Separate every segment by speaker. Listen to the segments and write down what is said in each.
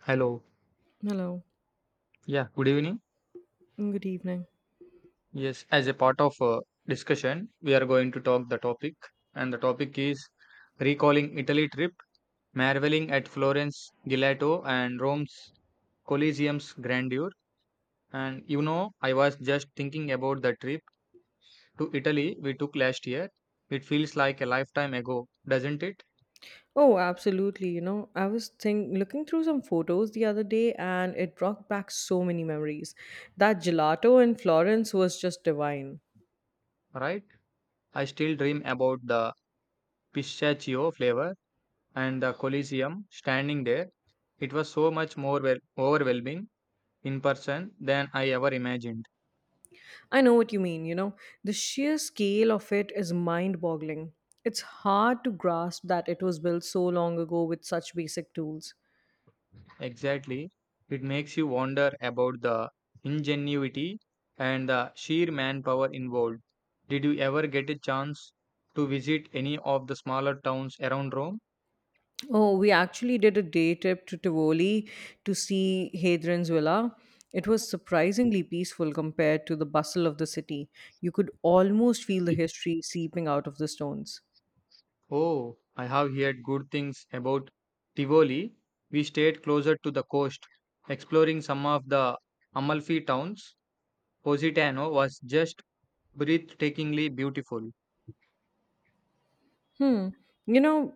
Speaker 1: Hello.
Speaker 2: Hello.
Speaker 1: Yeah, good evening.
Speaker 2: Mm, good evening.
Speaker 1: Yes, as a part of discussion, we are going to talk the topic, and the topic is recalling Italy trip, marveling at Florence, Gelato, and Rome's Colosseum's grandeur. And you know, I was just thinking about the trip to Italy we took last year. It feels like a lifetime ago, doesn't it?
Speaker 2: Oh, absolutely. You know, I was think looking through some photos the other day and it brought back so many memories. That gelato in Florence was just divine.
Speaker 1: Right? I still dream about the pistachio flavor and the Colosseum standing there. It was so much more overwhelming in person than I ever imagined.
Speaker 2: I know what you mean, you know. The sheer scale of it is mind-boggling. It's hard to grasp that it was built so long ago with such basic tools.
Speaker 1: Exactly. It makes you wonder about the ingenuity and the sheer manpower involved. Did you ever get a chance to visit any of the smaller towns around Rome?
Speaker 2: Oh, we actually did a day trip to Tivoli to see Hadrian's Villa. It was surprisingly peaceful compared to the bustle of the city. You could almost feel the history seeping out of the stones.
Speaker 1: Oh, I have heard good things about Tivoli. We stayed closer to the coast, exploring some of the Amalfi towns. Positano was just breathtakingly beautiful.
Speaker 2: Hmm. You know,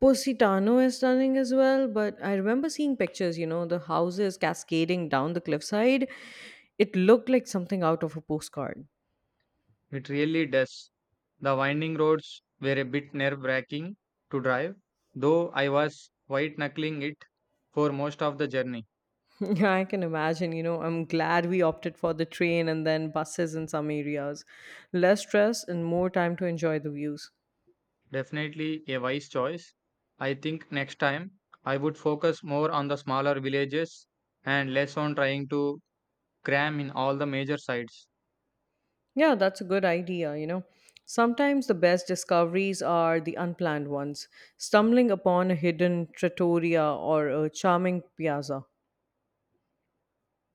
Speaker 2: Positano is stunning as well, but I remember seeing pictures, you know, the houses cascading down the cliffside. It looked like something out of a postcard.
Speaker 1: It really does. The winding roads were a bit nerve wracking to drive, though I was white knuckling it for most of the journey.
Speaker 2: Yeah, I can imagine. You know, I'm glad we opted for the train and then buses in some areas. Less stress and more time to enjoy the views.
Speaker 1: Definitely a wise choice. I think next time I would focus more on the smaller villages and less on trying to cram in all the major sites.
Speaker 2: Yeah, that's a good idea, you know. Sometimes the best discoveries are the unplanned ones, stumbling upon a hidden trattoria or a charming piazza.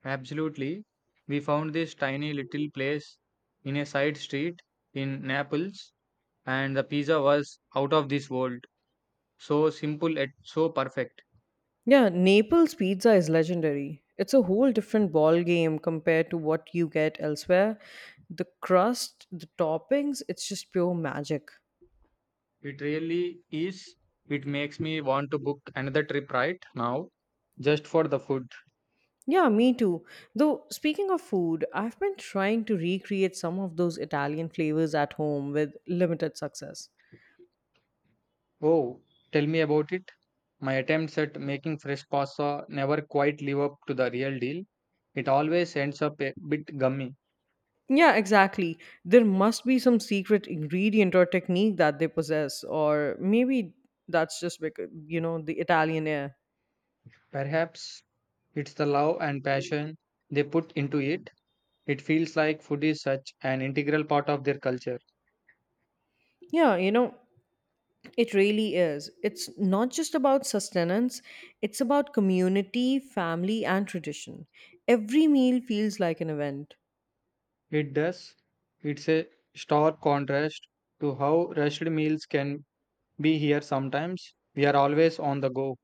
Speaker 1: Absolutely. We found this tiny little place in a side street in Naples, and the pizza was out of this world. So simple yet so perfect.
Speaker 2: Yeah, Naples pizza is legendary. It's a whole different ball game compared to what you get elsewhere. The crust, the toppings, it's just pure magic.
Speaker 1: It really is. It makes me want to book another trip right now, just for the food.
Speaker 2: Yeah, me too. Though, speaking of food, I've been trying to recreate some of those Italian flavors at home with limited success.
Speaker 1: Oh, tell me about it. My attempts at making fresh pasta never quite live up to the real deal. It always ends up a bit gummy.
Speaker 2: Yeah, exactly. There must be some secret ingredient or technique that they possess, or maybe that's just because, you know, the Italian air.
Speaker 1: Perhaps it's the love and passion they put into it. It feels like food is such an integral part of their culture.
Speaker 2: Yeah, you know, it really is. It's not just about sustenance, it's about community, family, and tradition. Every meal feels like an event.
Speaker 1: It does. It's a stark contrast to how rushed meals can be here sometimes. We are always on the go.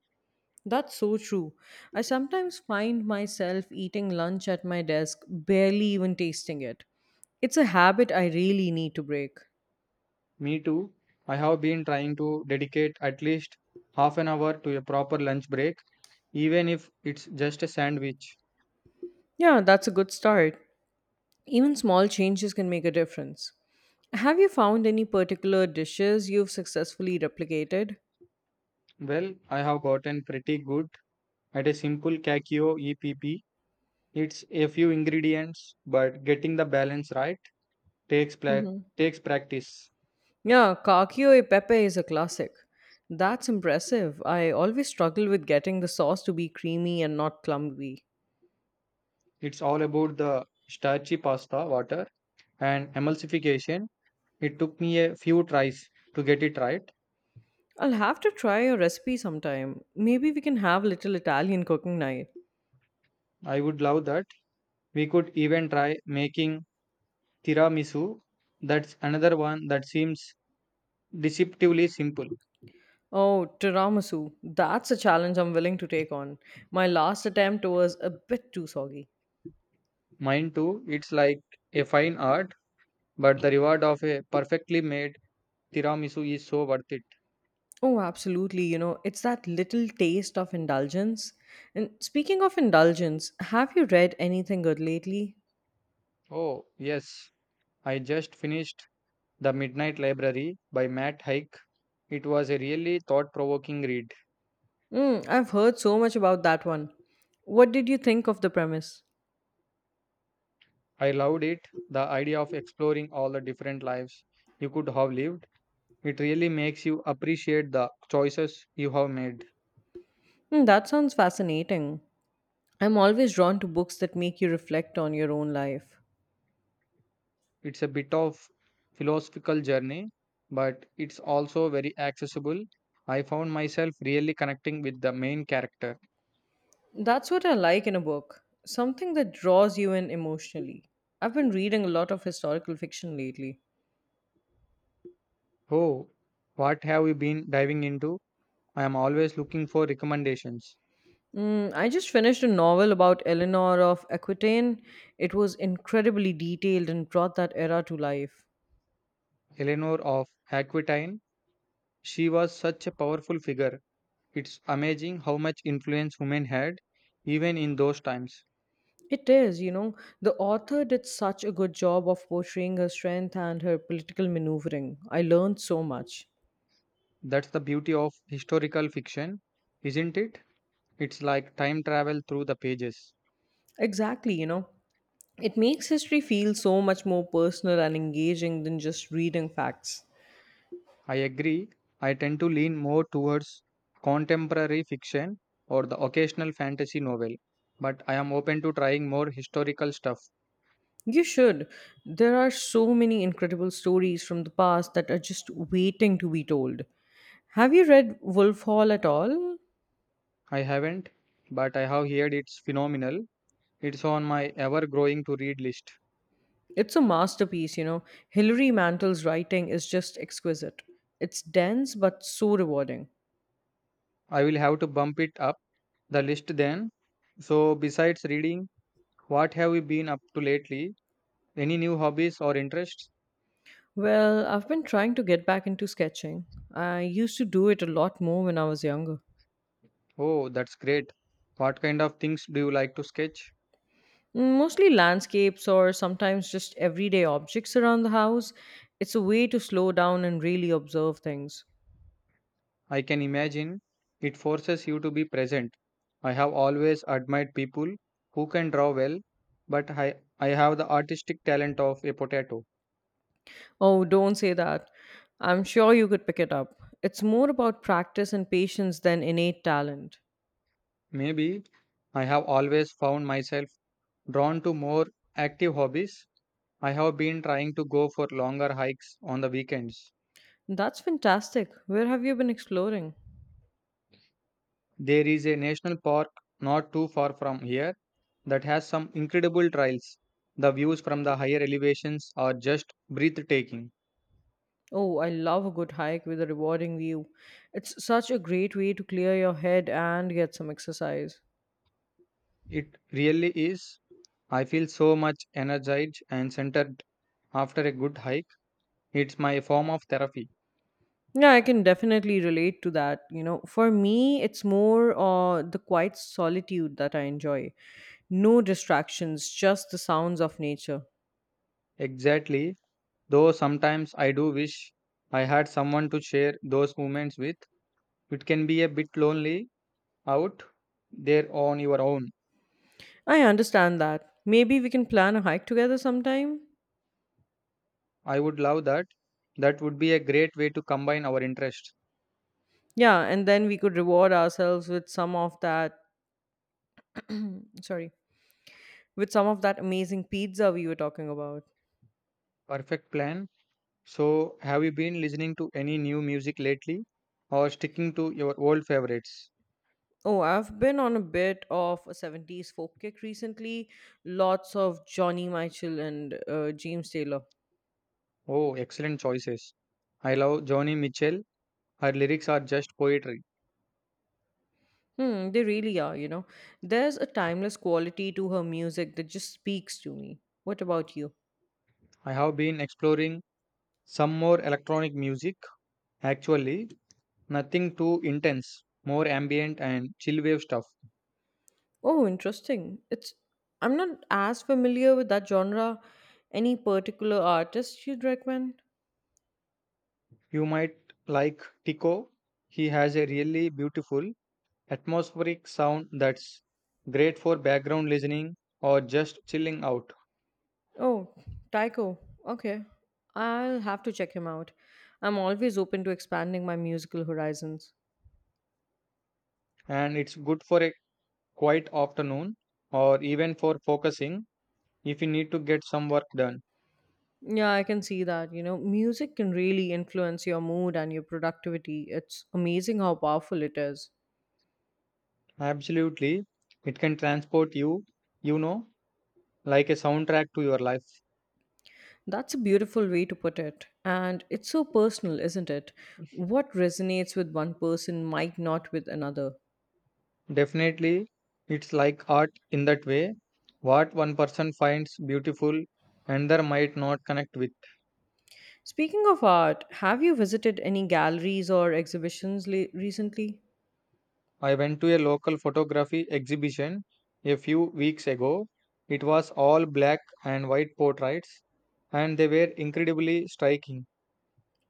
Speaker 2: That's so true. I sometimes find myself eating lunch at my desk, barely even tasting it. It's a habit I really need to break.
Speaker 1: Me too. I have been trying to dedicate at least half an hour to a proper lunch break, even if it's just a sandwich.
Speaker 2: Yeah, that's a good start. Even small changes can make a difference. Have you found any particular dishes you've successfully replicated?
Speaker 1: Well, I have gotten pretty good at a simple Kakio EPP. It's a few ingredients, but getting the balance right takes pla- takes practice.
Speaker 2: Yeah, cacio e pepe is a classic. That's impressive. I always struggle with getting the sauce to be creamy and not clumpy.
Speaker 1: It's all about the starchy pasta water and emulsification. It took me a few tries to get it right.
Speaker 2: I'll have to try your recipe sometime. Maybe we can have little Italian cooking night.
Speaker 1: I would love that. We could even try making tiramisu. That's another one that seems deceptively simple.
Speaker 2: Oh, tiramisu. That's a challenge I'm willing to take on. My last attempt was a bit too soggy.
Speaker 1: Mine too. It's like a fine art, but the reward of a perfectly made tiramisu is so worth it.
Speaker 2: Oh, absolutely. You know, it's that little taste of indulgence. And speaking of indulgence, have you read anything good lately?
Speaker 1: Oh, yes. I just finished The Midnight Library by Matt Haig. It was a really thought-provoking read.
Speaker 2: Mm, I've heard so much about that one. What did you think of the premise?
Speaker 1: I loved it. The idea of exploring all the different lives you could have lived. It really makes you appreciate the choices you have made.
Speaker 2: Hmm, that sounds fascinating. I'm always drawn to books that make you reflect on your own life.
Speaker 1: It's a bit of philosophical journey, but it's also very accessible. I found myself really connecting with the main character.
Speaker 2: That's what I like in a book, something that draws you in emotionally. I've been reading a lot of historical fiction lately.
Speaker 1: Oh, what have you been diving into? I am always looking for recommendations.
Speaker 2: Mm, I just finished a novel about Eleanor of Aquitaine. It was incredibly detailed and brought that era to life.
Speaker 1: Eleanor of Aquitaine, she was such a powerful figure. It's amazing how much influence women had, even in those times.
Speaker 2: It is, you know, the author did such a good job of portraying her strength and her political maneuvering. I learned so much.
Speaker 1: That's the beauty of historical fiction, isn't it? It's like time travel through the pages.
Speaker 2: Exactly, you know, it makes history feel so much more personal and engaging than just reading facts.
Speaker 1: I agree. I tend to lean more towards contemporary fiction or the occasional fantasy novel, but I am open to trying more historical stuff.
Speaker 2: You should. There are so many incredible stories from the past that are just waiting to be told. Have you read Wolf Hall at all?
Speaker 1: I haven't, but I have heard it's phenomenal. It's on my ever growing to read list.
Speaker 2: It's a masterpiece, you know. Hilary Mantel's writing is just exquisite. It's dense but so rewarding.
Speaker 1: I will have to bump it up the list then. So, besides reading, what have you been up to lately? Any new hobbies or interests?
Speaker 2: Well, I've been trying to get back into sketching. I used to do it a lot more when I was younger.
Speaker 1: Oh, that's great. What kind of things do you like to sketch?
Speaker 2: Mostly landscapes or sometimes just everyday objects around the house. It's a way to slow down and really observe things.
Speaker 1: I can imagine it forces you to be present. I have always admired people who can draw well, but I have the artistic talent of a potato.
Speaker 2: Oh, don't say that. I'm sure you could pick it up. It's more about practice and patience than innate talent.
Speaker 1: Maybe I have always found myself drawn to more active hobbies. I have been trying to go for longer hikes on the weekends.
Speaker 2: That's fantastic. Where have you been exploring?
Speaker 1: There is a national park not too far from here that has some incredible trails. The views from the higher elevations are just breathtaking.
Speaker 2: Oh, I love a good hike with a rewarding view. It's such a great way to clear your head and get some exercise.
Speaker 1: It really is. I feel so much energized and centered after a good hike. It's my form of therapy.
Speaker 2: Yeah, I can definitely relate to that. You know, for me, it's more the quiet solitude that I enjoy. No distractions, just the sounds of nature.
Speaker 1: Exactly, though sometimes I do wish I had someone to share those moments with. It can be a bit lonely out there on your own.
Speaker 2: I understand that. Maybe we can plan a hike together sometime.
Speaker 1: I would love that. That would be a great way to combine our interests.
Speaker 2: Yeah, and then we could reward ourselves with some of that, sorry, with some of that amazing pizza we were talking about.
Speaker 1: Perfect plan. So, have you been listening to any new music lately or sticking to your old favorites?
Speaker 2: Oh, I've been on a bit of a 70s folk kick recently. Lots of Johnny Mitchell and James Taylor.
Speaker 1: Oh, excellent choices. I love Johnny Mitchell. Her lyrics are just poetry.
Speaker 2: Hmm, they really are, you know. There's a timeless quality to her music that just speaks to me. What about you?
Speaker 1: I have been exploring some more electronic music, actually, nothing too intense, more ambient and chill wave stuff.
Speaker 2: Oh, interesting. It's I'm not as familiar with that genre. Any particular artist you'd recommend?
Speaker 1: You might like Tico, he has a really beautiful atmospheric sound that's great for background listening or just chilling out,
Speaker 2: Oh, Tycho. Okay. I'll have to check him out. I'm always open to expanding my musical horizons.
Speaker 1: and it's good for a quiet afternoon or even for focusing if you need to get some work done.
Speaker 2: Yeah, I can see that. You know, music can really influence your mood and your productivity. It's amazing how powerful it is.
Speaker 1: Absolutely, it can transport you, you know, like a soundtrack to your life.
Speaker 2: That's a beautiful way to put it. And it's so personal, isn't it? What resonates with one person might not with another.
Speaker 1: Definitely, it's like art in that way. What one person finds beautiful, another might not connect with.
Speaker 2: Speaking of art, have you visited any galleries or exhibitions recently?
Speaker 1: I went to a local photography exhibition a few weeks ago. It was all black and white portraits, and they were incredibly striking.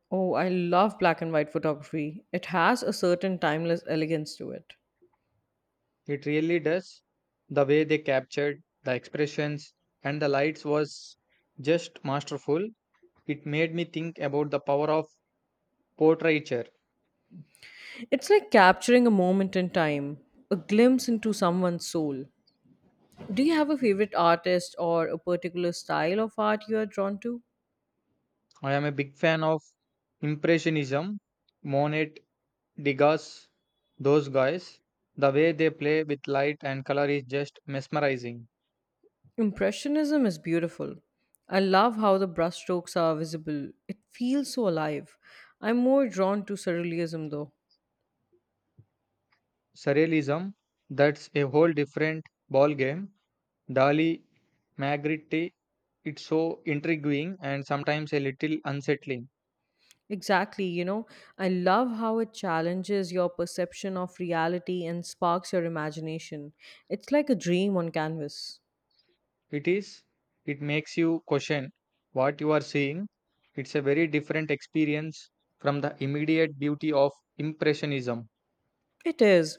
Speaker 2: Oh, I love black and white photography. It has a certain timeless elegance to it.
Speaker 1: It really does. The way they captured the expressions and the lights was just masterful. It made me think about the power of portraiture.
Speaker 2: It's like capturing a moment in time, a glimpse into someone's soul. Do you have a favorite artist or a particular style of art you are drawn to?
Speaker 1: I am a big fan of Impressionism, Monet, Degas, those guys. The way they play with light and color is just mesmerizing.
Speaker 2: Impressionism is beautiful. I love how the brushstrokes are visible. It feels so alive. I'm more drawn to surrealism though.
Speaker 1: Surrealism, that's a whole different ball game. Dali, Magritte, it's so intriguing and sometimes a little unsettling.
Speaker 2: Exactly, you know, I love how it challenges your perception of reality and sparks your imagination. It's like a dream on canvas.
Speaker 1: It is, it makes you question what you are seeing. It's a very different experience from the immediate beauty of Impressionism.
Speaker 2: It is,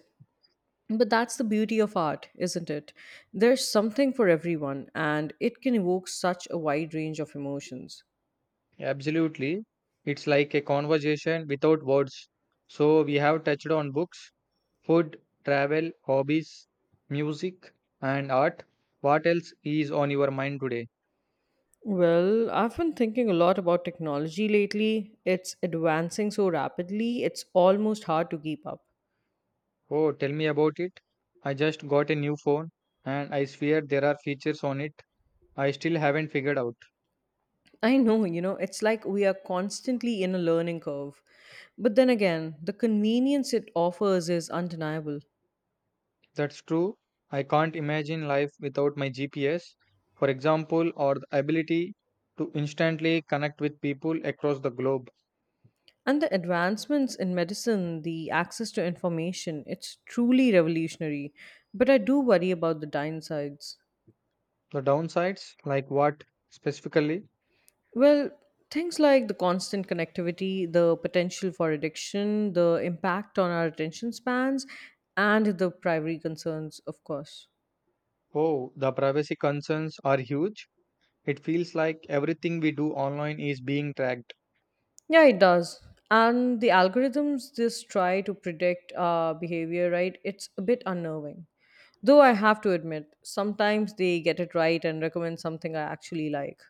Speaker 2: but that's the beauty of art, isn't it? There's something for everyone, and it can evoke such a wide range of emotions.
Speaker 1: Absolutely. It's like a conversation without words. So, we have touched on books, food, travel, hobbies, music, and art. What else is on your mind today?
Speaker 2: Well, I've been thinking a lot about technology lately. It's advancing so rapidly, it's almost hard to keep up.
Speaker 1: Oh, tell me about it. I just got a new phone and I swear there are features on it I still haven't figured out.
Speaker 2: I know, you know, it's like we are constantly in a learning curve. But then again, the convenience it offers is undeniable.
Speaker 1: That's true. I can't imagine life without my GPS, for example, or the ability to instantly connect with people across the globe.
Speaker 2: And the advancements in medicine, the access to information, it's truly revolutionary. But I do worry about the downsides.
Speaker 1: The downsides, like what specifically?
Speaker 2: Well, things like the constant connectivity, the potential for addiction, the impact on our attention spans, and the privacy concerns, of course.
Speaker 1: Oh, the privacy concerns are huge. It feels like everything we do online is being tracked.
Speaker 2: Yeah, it does. And the algorithms just try to predict behavior, right? It's a bit unnerving. Though I have to admit, sometimes they get it right and recommend something I actually like.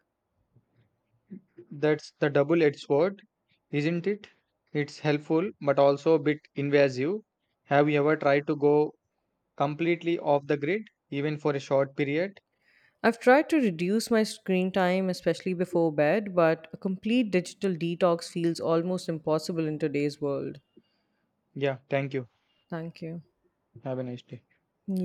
Speaker 1: That's the double edged sword, isn't it? It's helpful, but also a bit invasive. Have you ever tried to go completely off the grid, even for a short period?
Speaker 2: I've tried to reduce my screen time, especially before bed, but a complete digital detox feels almost impossible in today's world.
Speaker 1: Yeah, thank you.
Speaker 2: Thank you.
Speaker 1: Have a nice day.
Speaker 2: You.